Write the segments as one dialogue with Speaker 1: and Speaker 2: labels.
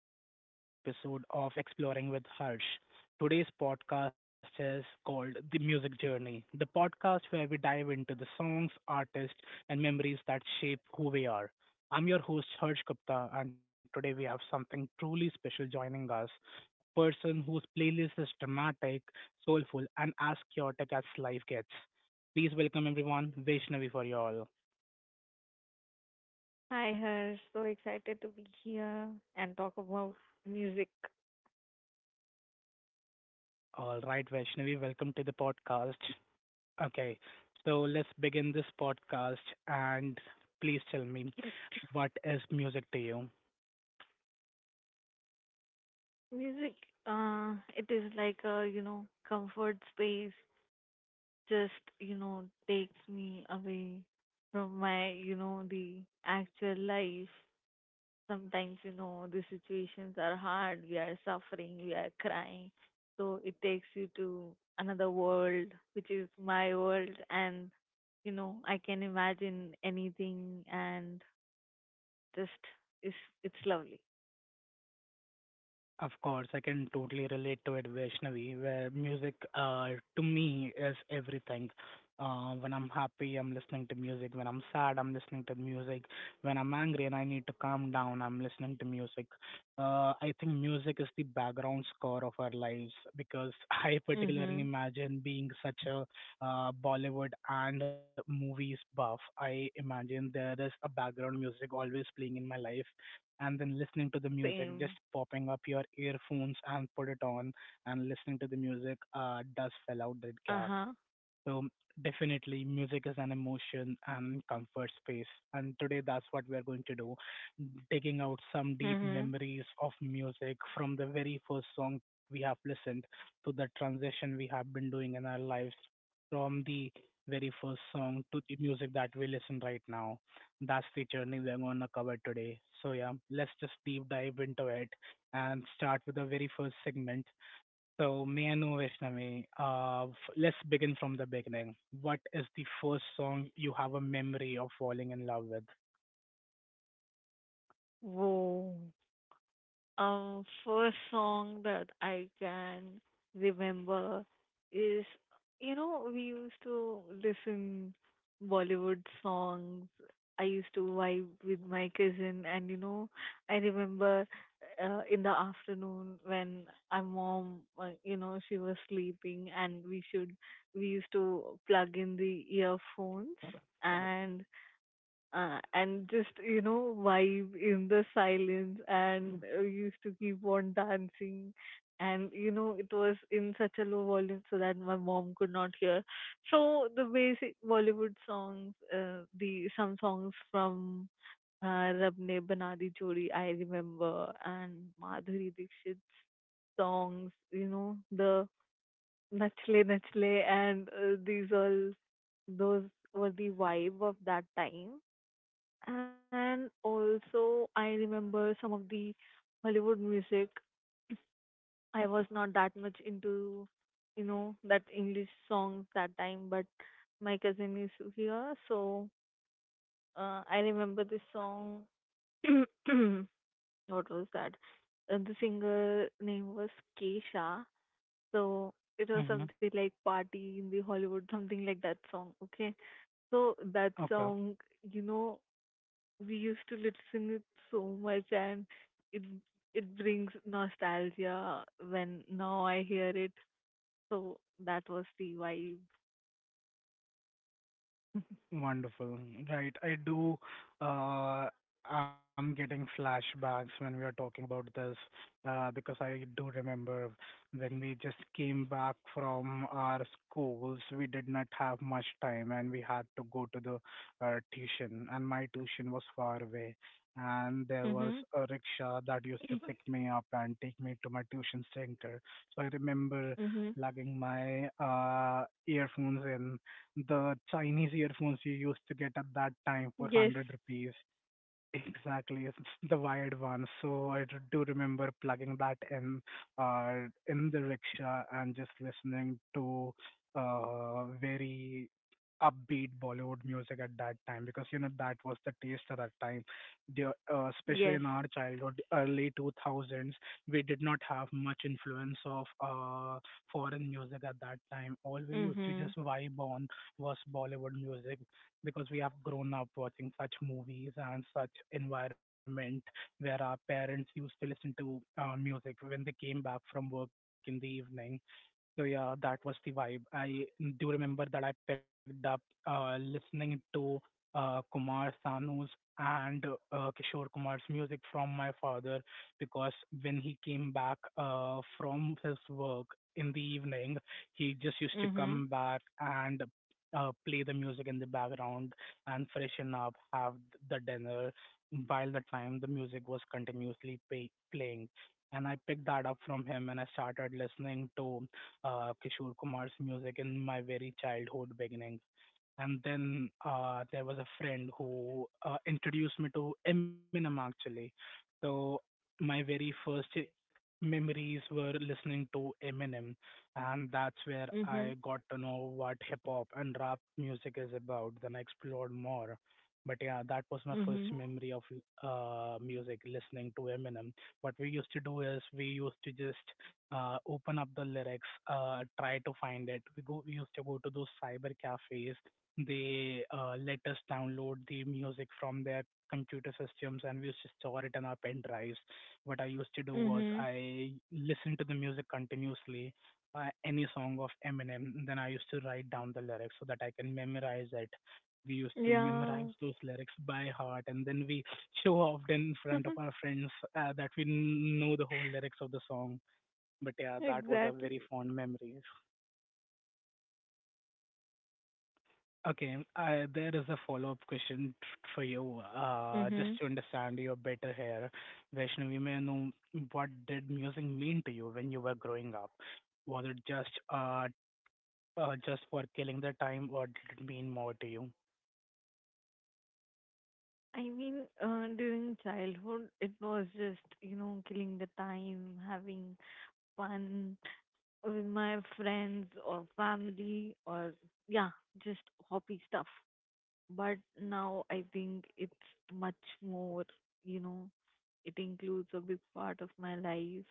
Speaker 1: welcome to another episode of Exploring with Harsh. Today's podcast is called The Music Journey, the podcast where we dive into the songs, artists, and memories that shape who we are. I'm your host, Harsh Gupta, and today we have something truly special joining us a person whose playlist is dramatic, soulful, and as chaotic as life gets. Please welcome everyone, Vaishnavi for you all.
Speaker 2: Hi, Harsh. So excited to be here and talk about music.
Speaker 1: All right, Vaishnavi, welcome to the podcast. Okay, so let's begin this podcast and please tell me, what is music to you?
Speaker 2: Music, it is like a, comfort space. Just, you know, takes me away from my, you know, the actual life. Sometimes, you know, the situations are hard. We are suffering. We are crying. So it takes you to another world, which is my world. And, you know, I can imagine anything and just is it's lovely.
Speaker 1: Of course, I can totally relate to it, Vaishnavi, where music to me is everything. When I'm happy, I'm listening to music. When I'm sad, I'm listening to music. When I'm angry and I need to calm down, I'm listening to music. I think music is the background score of our lives, because I
Speaker 2: Mm-hmm.
Speaker 1: particularly imagine being such a Bollywood and movies buff. I imagine there is a background music always playing in my life, and then listening to the music,
Speaker 2: Same.
Speaker 1: just popping up your earphones and put it on and listening to the music does fill out that
Speaker 2: Uh-huh.
Speaker 1: gap. So definitely music is an emotion and comfort space. And today that's what we are going to do. Taking out some deep
Speaker 2: Mm-hmm.
Speaker 1: memories of music from the very first song we have listened to, the transition we have been doing in our lives from the very first song to the music that we listen right now. That's the journey we're gonna cover today. So yeah, let's just deep dive into it and start with the very first segment. So, me and Vaishnavi, let's begin from the beginning. What is the first song you have a memory of falling in love with?
Speaker 2: वो first song that I can remember is, you know, we used to listen Bollywood songs. I used to vibe with my cousin, and you know, I remember in the afternoon when my mom, you know, she was sleeping, and we used to plug in the earphones, and and just you know vibe in the silence, and used to keep on dancing, and you know it was in such a low volume so that my mom could not hear. So the basic Bollywood songs, the some songs from Rab Ne Bana Jodi I remember, and Madhuri Dixit's songs, you know, the Nachle Nachle, and these all those were the vibe of that time. And also, I remember some of the Hollywood music. I was not that much into, you know, that English songs that time, but my cousin is here, so I remember this song. What was that? The singer name was Kesha, so it was something
Speaker 1: Mm-hmm.
Speaker 2: like "Party in the Hollywood," something like that song. Okay, so that
Speaker 1: Okay.
Speaker 2: song, you know, we used to listen it so much, and it it brings nostalgia when now I hear it. So that was the vibe.
Speaker 1: Wonderful. Right. Uh, I'm getting flashbacks when we are talking about this, because I do remember when we just came back from our schools, we did not have much time and we had to go to the tuition, and my tuition was far away. And there
Speaker 2: Mm-hmm.
Speaker 1: was a rickshaw that used to pick me up and take me to my tuition center. So I remember
Speaker 2: Mm-hmm.
Speaker 1: plugging my earphones in, the Chinese earphones you used to get at that time for
Speaker 2: Yes.
Speaker 1: 100 rupees. Exactly, it's the wired one. Do remember plugging that in the rickshaw and just listening to very upbeat Bollywood music at that time, because you know that was the taste at that time.
Speaker 2: Yes.
Speaker 1: Especially in our childhood, early two thousands, we did not have much influence of foreign music at that time. All we used
Speaker 2: Mm-hmm.
Speaker 1: to just vibe on was Bollywood music, because we have grown up watching such movies and such environment where our parents used to listen to music when they came back from work in the evening. So yeah, that was the vibe. I do remember that I picked up listening to Kumar Sanu's and Kishore Kumar's music from my father, because when he came back from his work in the evening, he just used to
Speaker 2: Mm-hmm.
Speaker 1: come back and play the music in the background and freshen up, have the dinner, while the time the music was continuously playing, and I picked that up from him and I started listening to Kishore Kumar's music in my very childhood beginning. And then there was a friend who introduced me to Eminem actually. So my very first memories were listening to Eminem, and that's where
Speaker 2: Mm-hmm.
Speaker 1: I got to know what hip hop and rap music is about. Then I explored more. But yeah, that was my
Speaker 2: Mm-hmm.
Speaker 1: first memory of music, listening to Eminem. What we used to do is we used to just open up the lyrics, try to find it. We used to go to those cyber cafes. They let us download the music from their computer systems, and we used to store it in our pen drives. What I used to do
Speaker 2: Mm-hmm.
Speaker 1: was I listened to the music continuously, any song of Eminem, then I used to write down the lyrics so that I can memorize it. We used to
Speaker 2: Yeah.
Speaker 1: memorize those lyrics by heart, and then we show off in front of our friends that we know the whole lyrics of the song. But yeah, that was a
Speaker 2: Exactly.
Speaker 1: very fond memory. Okay. There is a follow-up question for you.
Speaker 2: Mm-hmm.
Speaker 1: Just to understand you better here, Vaishnavi, may I know what did music mean to you when you were growing up? Was it just for killing the time, or did it mean more to you?
Speaker 2: I mean, during childhood, it was just, you know, killing the time, having fun with my friends or family, or yeah, just hobby stuff. But now I think it's much more, you know, it includes a big part of my life.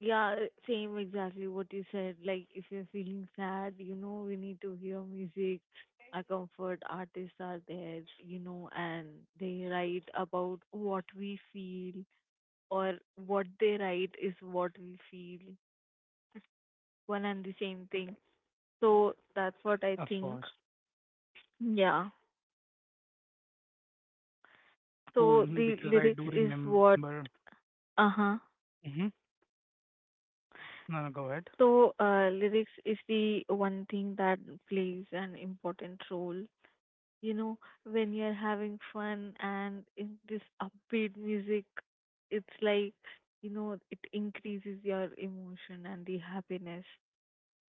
Speaker 2: Yeah, same exactly what you said. Like if you're feeling sad, you know, we need to hear music. Our comfort artists are there, you know, and they write about what we feel, or what they write is what we feel. One and the same thing. So that's what I
Speaker 1: Of
Speaker 2: think.
Speaker 1: course.
Speaker 2: Yeah. So the
Speaker 1: Cool, because
Speaker 2: lyrics
Speaker 1: I do
Speaker 2: is what
Speaker 1: remember.
Speaker 2: uh-huh.
Speaker 1: Mm-hmm. No, no, go ahead.
Speaker 2: So lyrics is the one thing that plays an important role. You know, when you're having fun and in this upbeat music, it's like, you know, it increases your emotion and the happiness.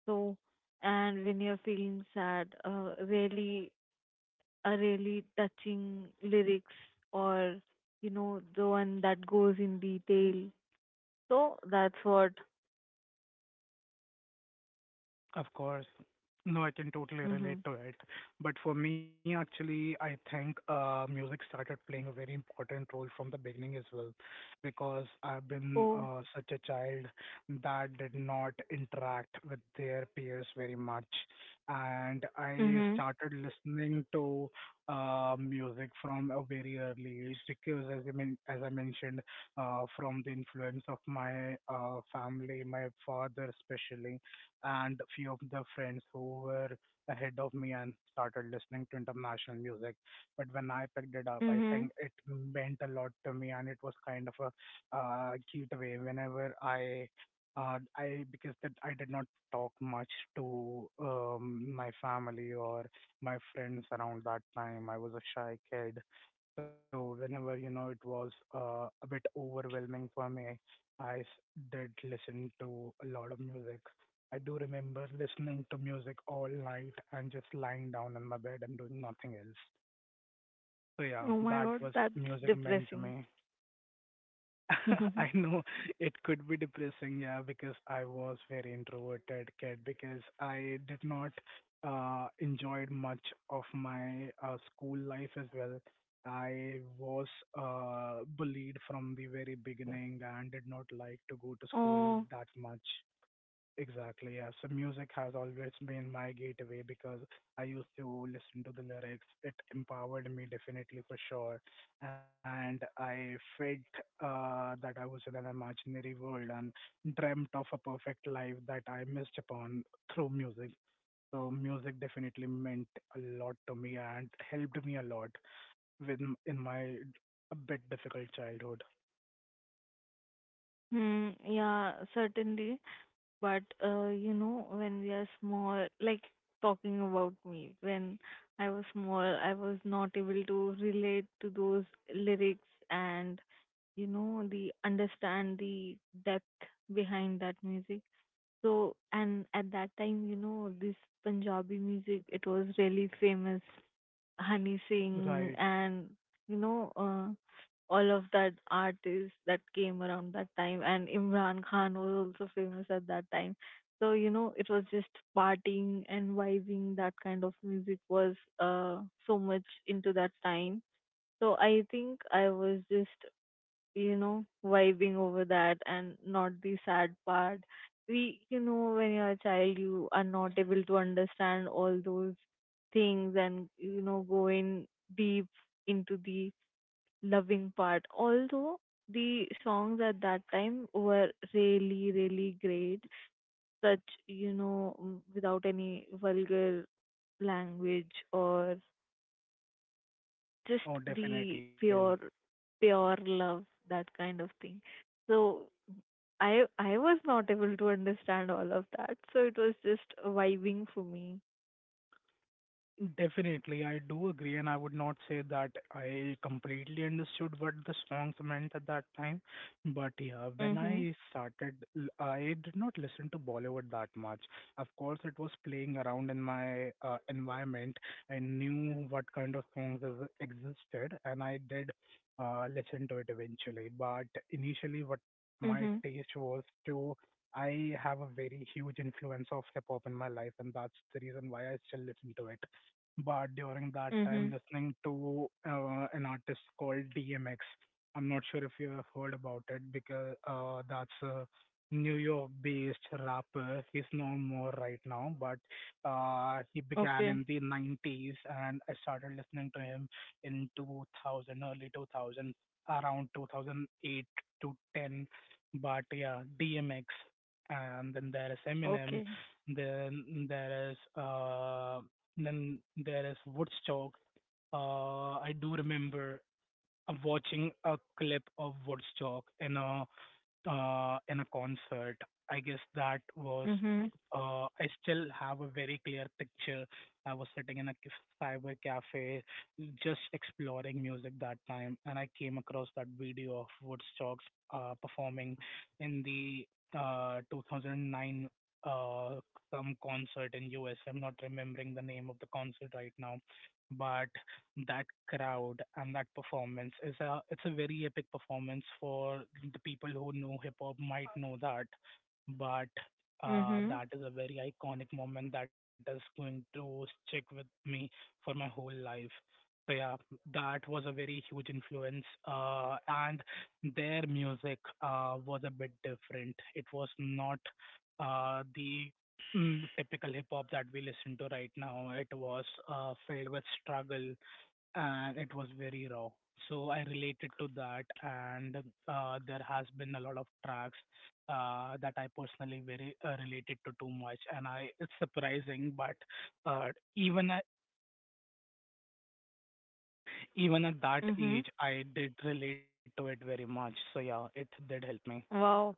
Speaker 2: So and when you're feeling sad, really a really touching lyrics, or you know the one that goes in detail. So that's what.
Speaker 1: Of course. No, I can totally
Speaker 2: Hmm.
Speaker 1: relate to it. But for me, actually, I think music started playing a very important role from the beginning as well, because I've been
Speaker 2: Oh.
Speaker 1: such a child that did not interact with their peers very much. And I
Speaker 2: Mhm.
Speaker 1: started listening to music from a very early age because, as I mentioned, from the influence of my family, my father especially, and few of the friends who were ahead of me and started listening to international music. But when I picked it up, I
Speaker 2: Mhm.
Speaker 1: think it meant a lot to me, and it was kind of a gateway whenever I. Because that I did not talk much to my family or my friends around that time. I was a shy kid, so whenever, you know, it was a bit overwhelming for me, I s- did listen to a lot of music. I do remember listening to music all night and just lying down on my bed and doing nothing else. So
Speaker 2: Oh
Speaker 1: yeah,
Speaker 2: my God,
Speaker 1: that was
Speaker 2: that's
Speaker 1: music meant
Speaker 2: depressing.
Speaker 1: to me. I know it could be depressing, yeah, because I was very introverted kid because I did not enjoyed much of my school life as well. I was bullied from the very beginning and did not like to go to school
Speaker 2: Oh.
Speaker 1: that much. Exactly, yeah. So music has always been my gateway, because I used to listen to the lyrics. It empowered me definitely for sure. And I felt that I was in an imaginary world and dreamt of a perfect life that I missed upon through music. So music definitely meant a lot to me and helped me a lot with in my a bit difficult childhood.
Speaker 2: Hmm, yeah, certainly. But you know, when we are small, like talking about me, when I was small, I was not able to relate to those lyrics and you know the understand the depth behind that music. So and at that time, you know, this Punjabi music, it was really famous. Honey Singh
Speaker 1: Right.
Speaker 2: and you know all of that artists that came around that time, and Imran Khan was also famous at that time. So you know it was just partying and vibing, that kind of music was so much into that time. So I think I was just you know, vibing over that and not the sad part. We, you know, when you're a child, you are not able to understand all those things, and, you know, going deep into the loving part. Although the songs at that time were really, really great, such, you know, mm, without any vulgar language, or just
Speaker 1: Oh,
Speaker 2: the
Speaker 1: definitely.
Speaker 2: pure, pure love, that kind of thing. So I was not able to understand all of that, so it was just vibing for me.
Speaker 1: Definitely, I do agree, and I would not say that I completely understood what the songs meant at that time. But yeah, when
Speaker 2: Mhm.
Speaker 1: I started, l- I did not listen to Bollywood that much. Of course, it was playing around in my environment. I knew what kind of songs existed, and I did listen to it eventually. But initially, what my
Speaker 2: Mhm.
Speaker 1: taste was to, I have a very huge influence of hip hop in my life, and that's the reason why I still listen to it, but during that
Speaker 2: Mhm.
Speaker 1: time listening to an artist called DMX. I'm not sure if you have heard about it, because that's a New York based rapper. He's no more right now, but he
Speaker 2: Okay.
Speaker 1: began in the 90s and I started listening to him in 2000, early 2000, around 2008 to 10. But yeah, DMX. And then there is
Speaker 2: Okay.
Speaker 1: Eminem. Then there is uh, then there is Woodstock. I do remember watching a clip of Woodstock in a concert. I guess that was,
Speaker 2: Mhm.
Speaker 1: I still have a very clear picture. I was sitting in a cyber cafe just exploring music that time, and I came across that video of Woodstocks performing in the 2009 uh, some concert in US. I'm not remembering the name of the concert right now, but that crowd and that performance is a it's a very epic performance for the people who know hip hop might know that, but
Speaker 2: Mhm.
Speaker 1: that is a very iconic moment that is going to stick with me for my whole life. So yeah, that was a very huge influence and their music was a bit different. It was not uh, the typical hip hop that we listen to right now. It was filled with struggle, and it was very raw. So I related to that, and there has been a lot of tracks that I personally very related to too much, and I it's surprising, but uh, even at, even at that
Speaker 2: Mhm.
Speaker 1: age, I did relate to it very much. So yeah, it did help me.
Speaker 2: Wow.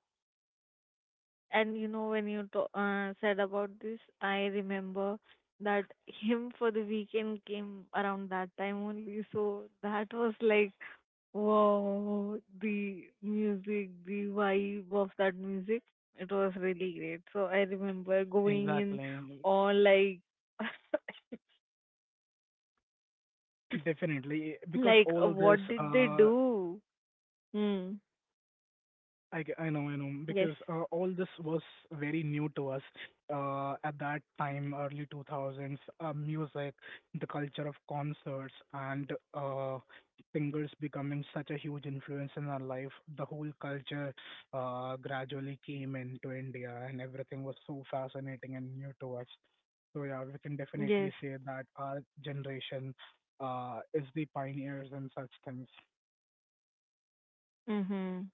Speaker 2: And you know, when you said about this, I remember that him for the weekend came around that time only. So that was like, wow, the music, the vibe of that music, it was really great. So I remember going in
Speaker 1: Exactly.
Speaker 2: all like,
Speaker 1: Definitely, because
Speaker 2: like,
Speaker 1: all
Speaker 2: what
Speaker 1: this
Speaker 2: did they do? Hmm.
Speaker 1: I know, because
Speaker 2: Yes.
Speaker 1: all this was very new to us at that time, early 2000s. Music, the culture of concerts, and singers becoming such a huge influence in our life. The whole culture gradually came into India, and everything was so fascinating and new to us. So, yeah, we can
Speaker 2: Yes.
Speaker 1: definitely say that our generation is the pioneers in such things.
Speaker 2: Mm-hmm.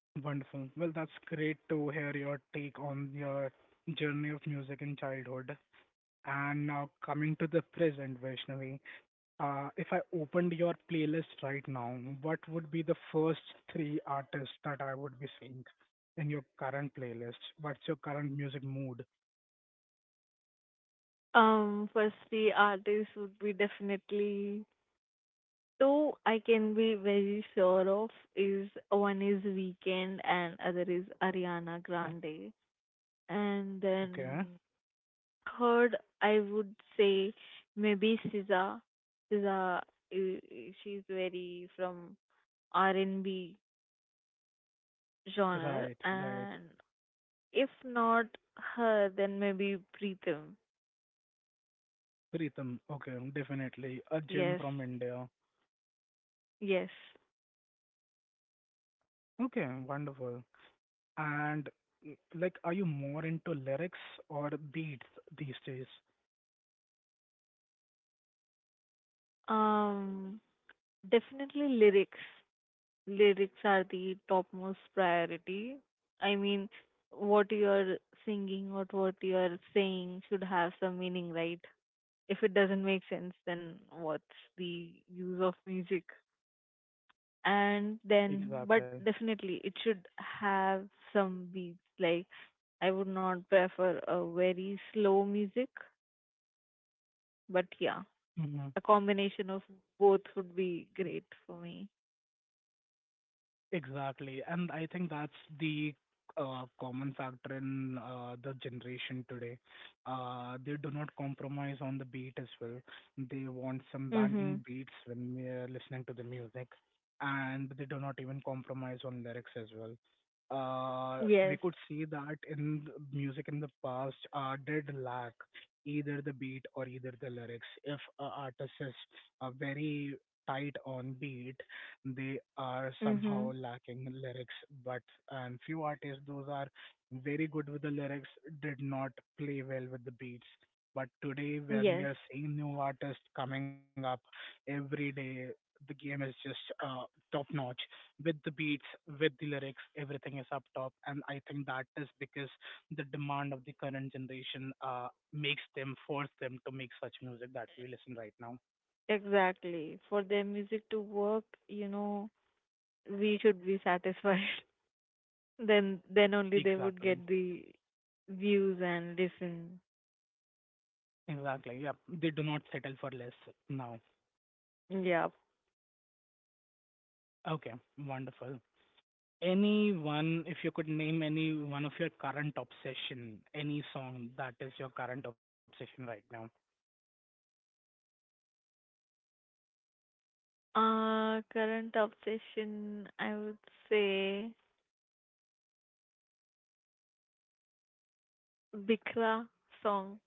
Speaker 1: Wonderful. Well, that's great to hear your take on your journey of music in childhood. And now coming to the present, Vaishnavi, if I opened your playlist right now, what would be the first three artists that I would be seeing in your current playlist? What's your current music mood?
Speaker 2: Firstly, artist would be definitely two I can be very sure of is one is Weekend, and other is Ariana Grande. And
Speaker 1: Okay.
Speaker 2: then third I would say maybe SZA. SZA she's very from R&B genre,
Speaker 1: Right, right.
Speaker 2: and if not her then maybe Preetham.
Speaker 1: Pritam. Okay, definitely. A
Speaker 2: Yes.
Speaker 1: gem from India.
Speaker 2: Yes.
Speaker 1: Okay, wonderful. And like, are you more into lyrics or beats these days?
Speaker 2: Um definitely lyrics, lyrics are the topmost priority. I mean, what you're singing or what you're saying should have some meaning, right? If it doesn't make sense, then what's the use of music? And then,
Speaker 1: Exactly.
Speaker 2: but definitely, it should have some beats. Like, I would not prefer a very slow music, but yeah, a combination of both would be great for me.
Speaker 1: Exactly. And I think that's the common factor in the generation today. They do not compromise on the beat as well. They want some
Speaker 2: Mhm.
Speaker 1: banging beats when we are listening to the music, and they do not even compromise on lyrics as well.
Speaker 2: Yes.
Speaker 1: We could see that in the music in the past did lack either the beat or either the lyrics. If a artist is very tight on beat, they are
Speaker 2: Mhm.
Speaker 1: somehow lacking lyrics but and few artists those are very good with the lyrics did not play well with the beats but today when
Speaker 2: Yes.
Speaker 1: we are seeing new artists coming up every day the game is just top notch with the beats with the lyrics everything is up top and I think that is because the demand of the current generation makes them force them to make such music that we listen right now
Speaker 2: Exactly. For their music to work, you know, we should be satisfied. Then only they would
Speaker 1: exactly.
Speaker 2: get the views and listen.
Speaker 1: Exactly. Yep. They do not settle for less now.
Speaker 2: Yeah.
Speaker 1: Okay. Wonderful. Any one, if you could name any one of your current obsession, any song that is your current obsession right now.
Speaker 2: Current obsession I would say Bikra song.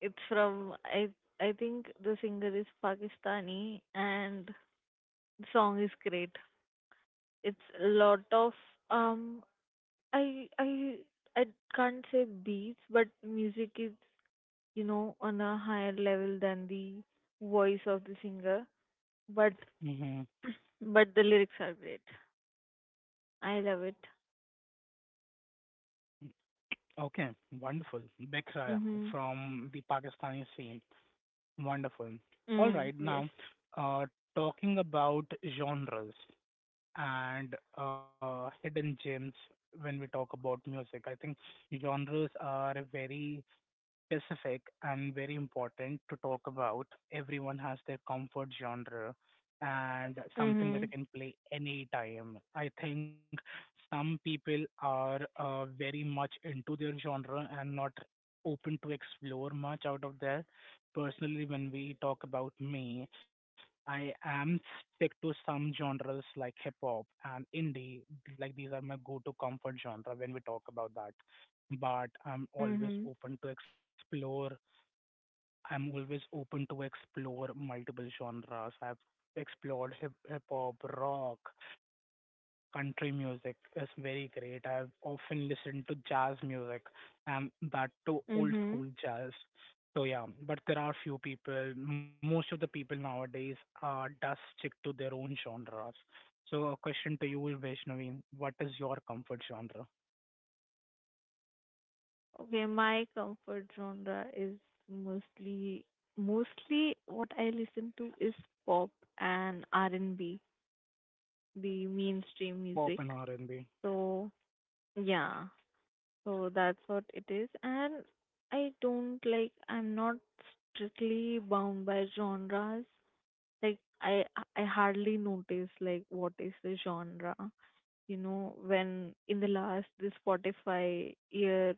Speaker 2: It's from I think the singer is Pakistani, and the song is great. It's a lot of um I I I can't say beats, but music is you know, on a higher level than the voice of the singer, but
Speaker 1: Mm-hmm.
Speaker 2: but the lyrics are great. I love it.
Speaker 1: Okay, wonderful. Beksha
Speaker 2: Mhm.
Speaker 1: from the Pakistani scene. Wonderful. All
Speaker 2: Mm,
Speaker 1: right,
Speaker 2: yes.
Speaker 1: now uh, talking about genres and hidden gems when we talk about music, I think genres are a very specific and very important to talk about. Everyone has their comfort genre and something that you
Speaker 2: Mhm.
Speaker 1: can play anytime. I think some people are very much into their genre and not open to explore much out of there. Personally, when we talk about me, I am stick to some genres like hip hop and indie. Like these are my go-to comfort genre when we talk about that but I'm always
Speaker 2: Mhm.
Speaker 1: open to explore. I'm always open to explore multiple genres. I've explored hip hop, rock, country music is very great. I've often listened to jazz music and that too old school
Speaker 2: Mhm.
Speaker 1: jazz. So yeah, but there are few people. Most of the people nowadays does stick to their own genres. So a question to you, Vaishnavi, what is your comfort genre?
Speaker 2: Okay, my comfort genre is mostly mostly what I listen to is pop and R&B, the mainstream
Speaker 1: Pop
Speaker 2: music.
Speaker 1: and R&B.
Speaker 2: So, yeah. So that's what it is. And I don't like, I'm not strictly bound by genres. Like, I hardly notice, like, what is the genre. You know, when in the last, this Spotify year,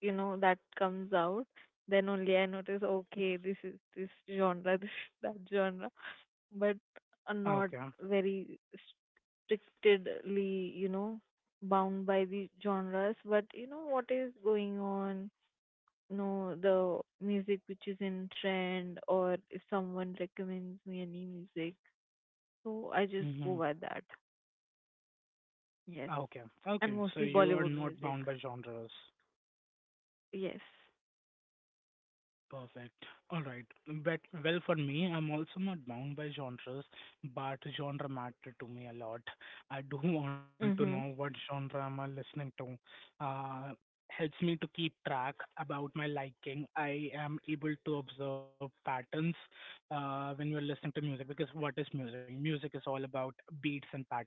Speaker 2: you know, that comes out, then only I notice, okay, this is this genre, this is that genre. But not
Speaker 1: Okay.
Speaker 2: very strictly, you know, bound by the genres, but you know what is going on, you know, the music which is in trend, or if someone recommends me any music, so I
Speaker 1: Mm-hmm.
Speaker 2: just go by that. Yes,
Speaker 1: Okay, okay.
Speaker 2: and
Speaker 1: So
Speaker 2: mostly
Speaker 1: you are
Speaker 2: Bollywood
Speaker 1: not
Speaker 2: music.
Speaker 1: bound by genres.
Speaker 2: Yes.
Speaker 1: Perfect. All right. But well, for me, I'm also not bound by genres, but genre matter to me a lot. I do want to know what
Speaker 2: Mhm.
Speaker 1: genre am I listening to. Uh, helps me to keep track about my liking. I am able to observe patterns when you're listening to music because what is music? Music is all about beats and patterns.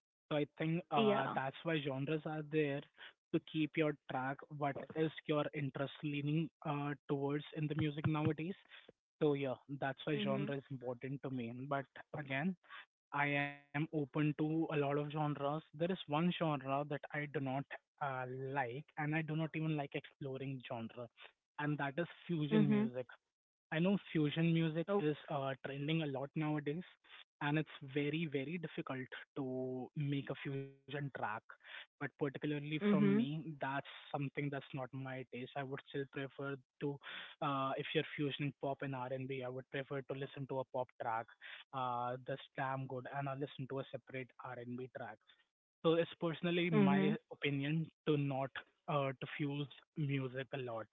Speaker 1: So I think that's
Speaker 2: Yeah.
Speaker 1: why genres are there to keep your track? What is your interest leaning towards in the music nowadays? So yeah, that's why
Speaker 2: Mhm.
Speaker 1: genre is important to me. But again, I am open to a lot of genres. There is one genre that I do not uh, like, and I do not even like exploring genre, and that is fusion music.
Speaker 2: Mhm.
Speaker 1: I know fusion music is
Speaker 2: Okay.
Speaker 1: trending a lot nowadays, and it's very, very difficult to make a fusion track. But particularly from me,
Speaker 2: Mhm.
Speaker 1: that's something that's not my taste. I would still prefer to, if you're fusioning pop and R&B, I would prefer to listen to a pop track that's damn good, and I listen to a separate R&B track. So it's personally
Speaker 2: Mhm.
Speaker 1: my opinion to not to fuse music a lot.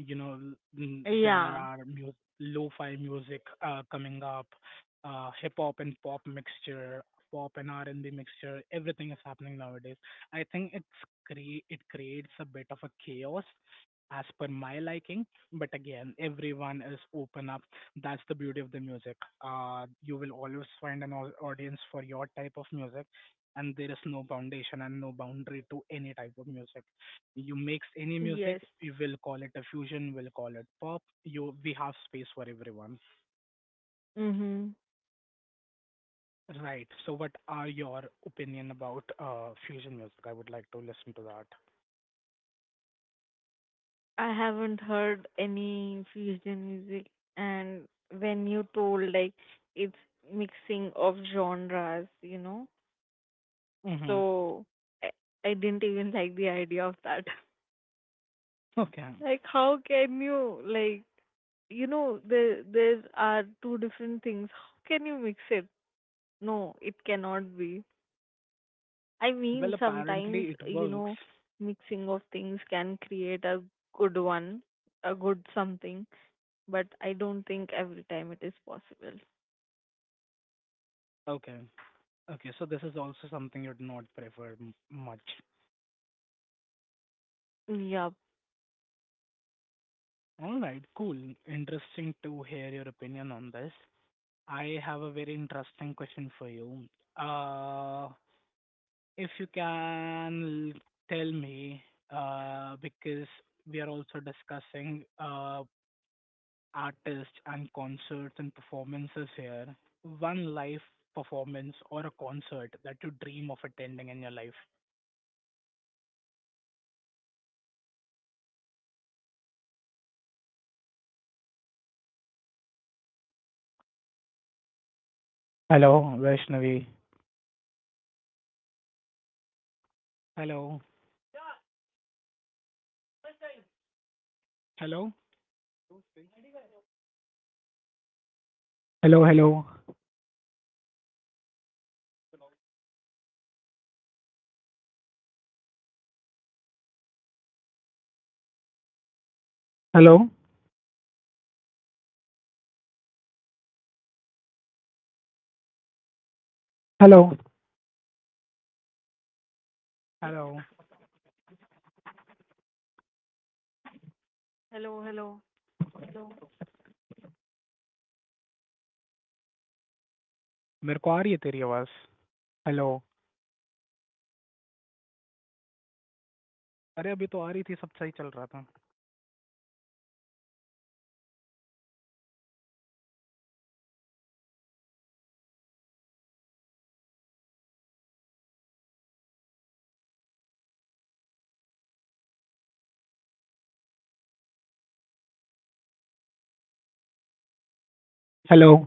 Speaker 1: You know, l- n- there
Speaker 2: Yeah.
Speaker 1: are lo-fi music coming up, hip hop and pop mixture, pop and R&B mixture. Everything is happening nowadays. I think it's it creates a bit of a chaos as per my liking but again everyone is open up that's the beauty of the music you will always find an audience for your type of music and there is no foundation and no boundary to any type of music. You mix any music,
Speaker 2: Yes.
Speaker 1: you will call it a fusion, will call it pop. You we have space for everyone.
Speaker 2: Mhm.
Speaker 1: Right. So what are your opinion about fusion music? I would like to listen to that.
Speaker 2: I haven't heard any fusion music, and when you told like it's mixing of genres, you know,
Speaker 1: Mm-hmm.
Speaker 2: so I, I didn't even like the idea of that.
Speaker 1: Okay.
Speaker 2: Like, how can you like, you know, there are two different things. How can you mix it? No, it cannot be. I
Speaker 1: Well,
Speaker 2: mean,
Speaker 1: apparently it
Speaker 2: sometimes
Speaker 1: works.
Speaker 2: you know, mixing of things can create a good one, a good something, but I don't think every time it is possible.
Speaker 1: Okay. Okay, so this is also something you'd not prefer much.
Speaker 2: Yep.
Speaker 1: All right, cool. Interesting to hear your opinion on this. I have a very interesting question for you. Uh, if you can tell me, because we are also discussing artists and concerts and performances here, one live performance or a concert that you dream of attending in your life. Hello, Vaishnavi. Hello, hello, Hello, hello. Hello, hello. Hello.
Speaker 2: Hello, hello.
Speaker 1: मेरे को आ रही है तेरी आवाज। Hello. अरे अभी तो आ रही थी, सब सही चल रहा था। Hello.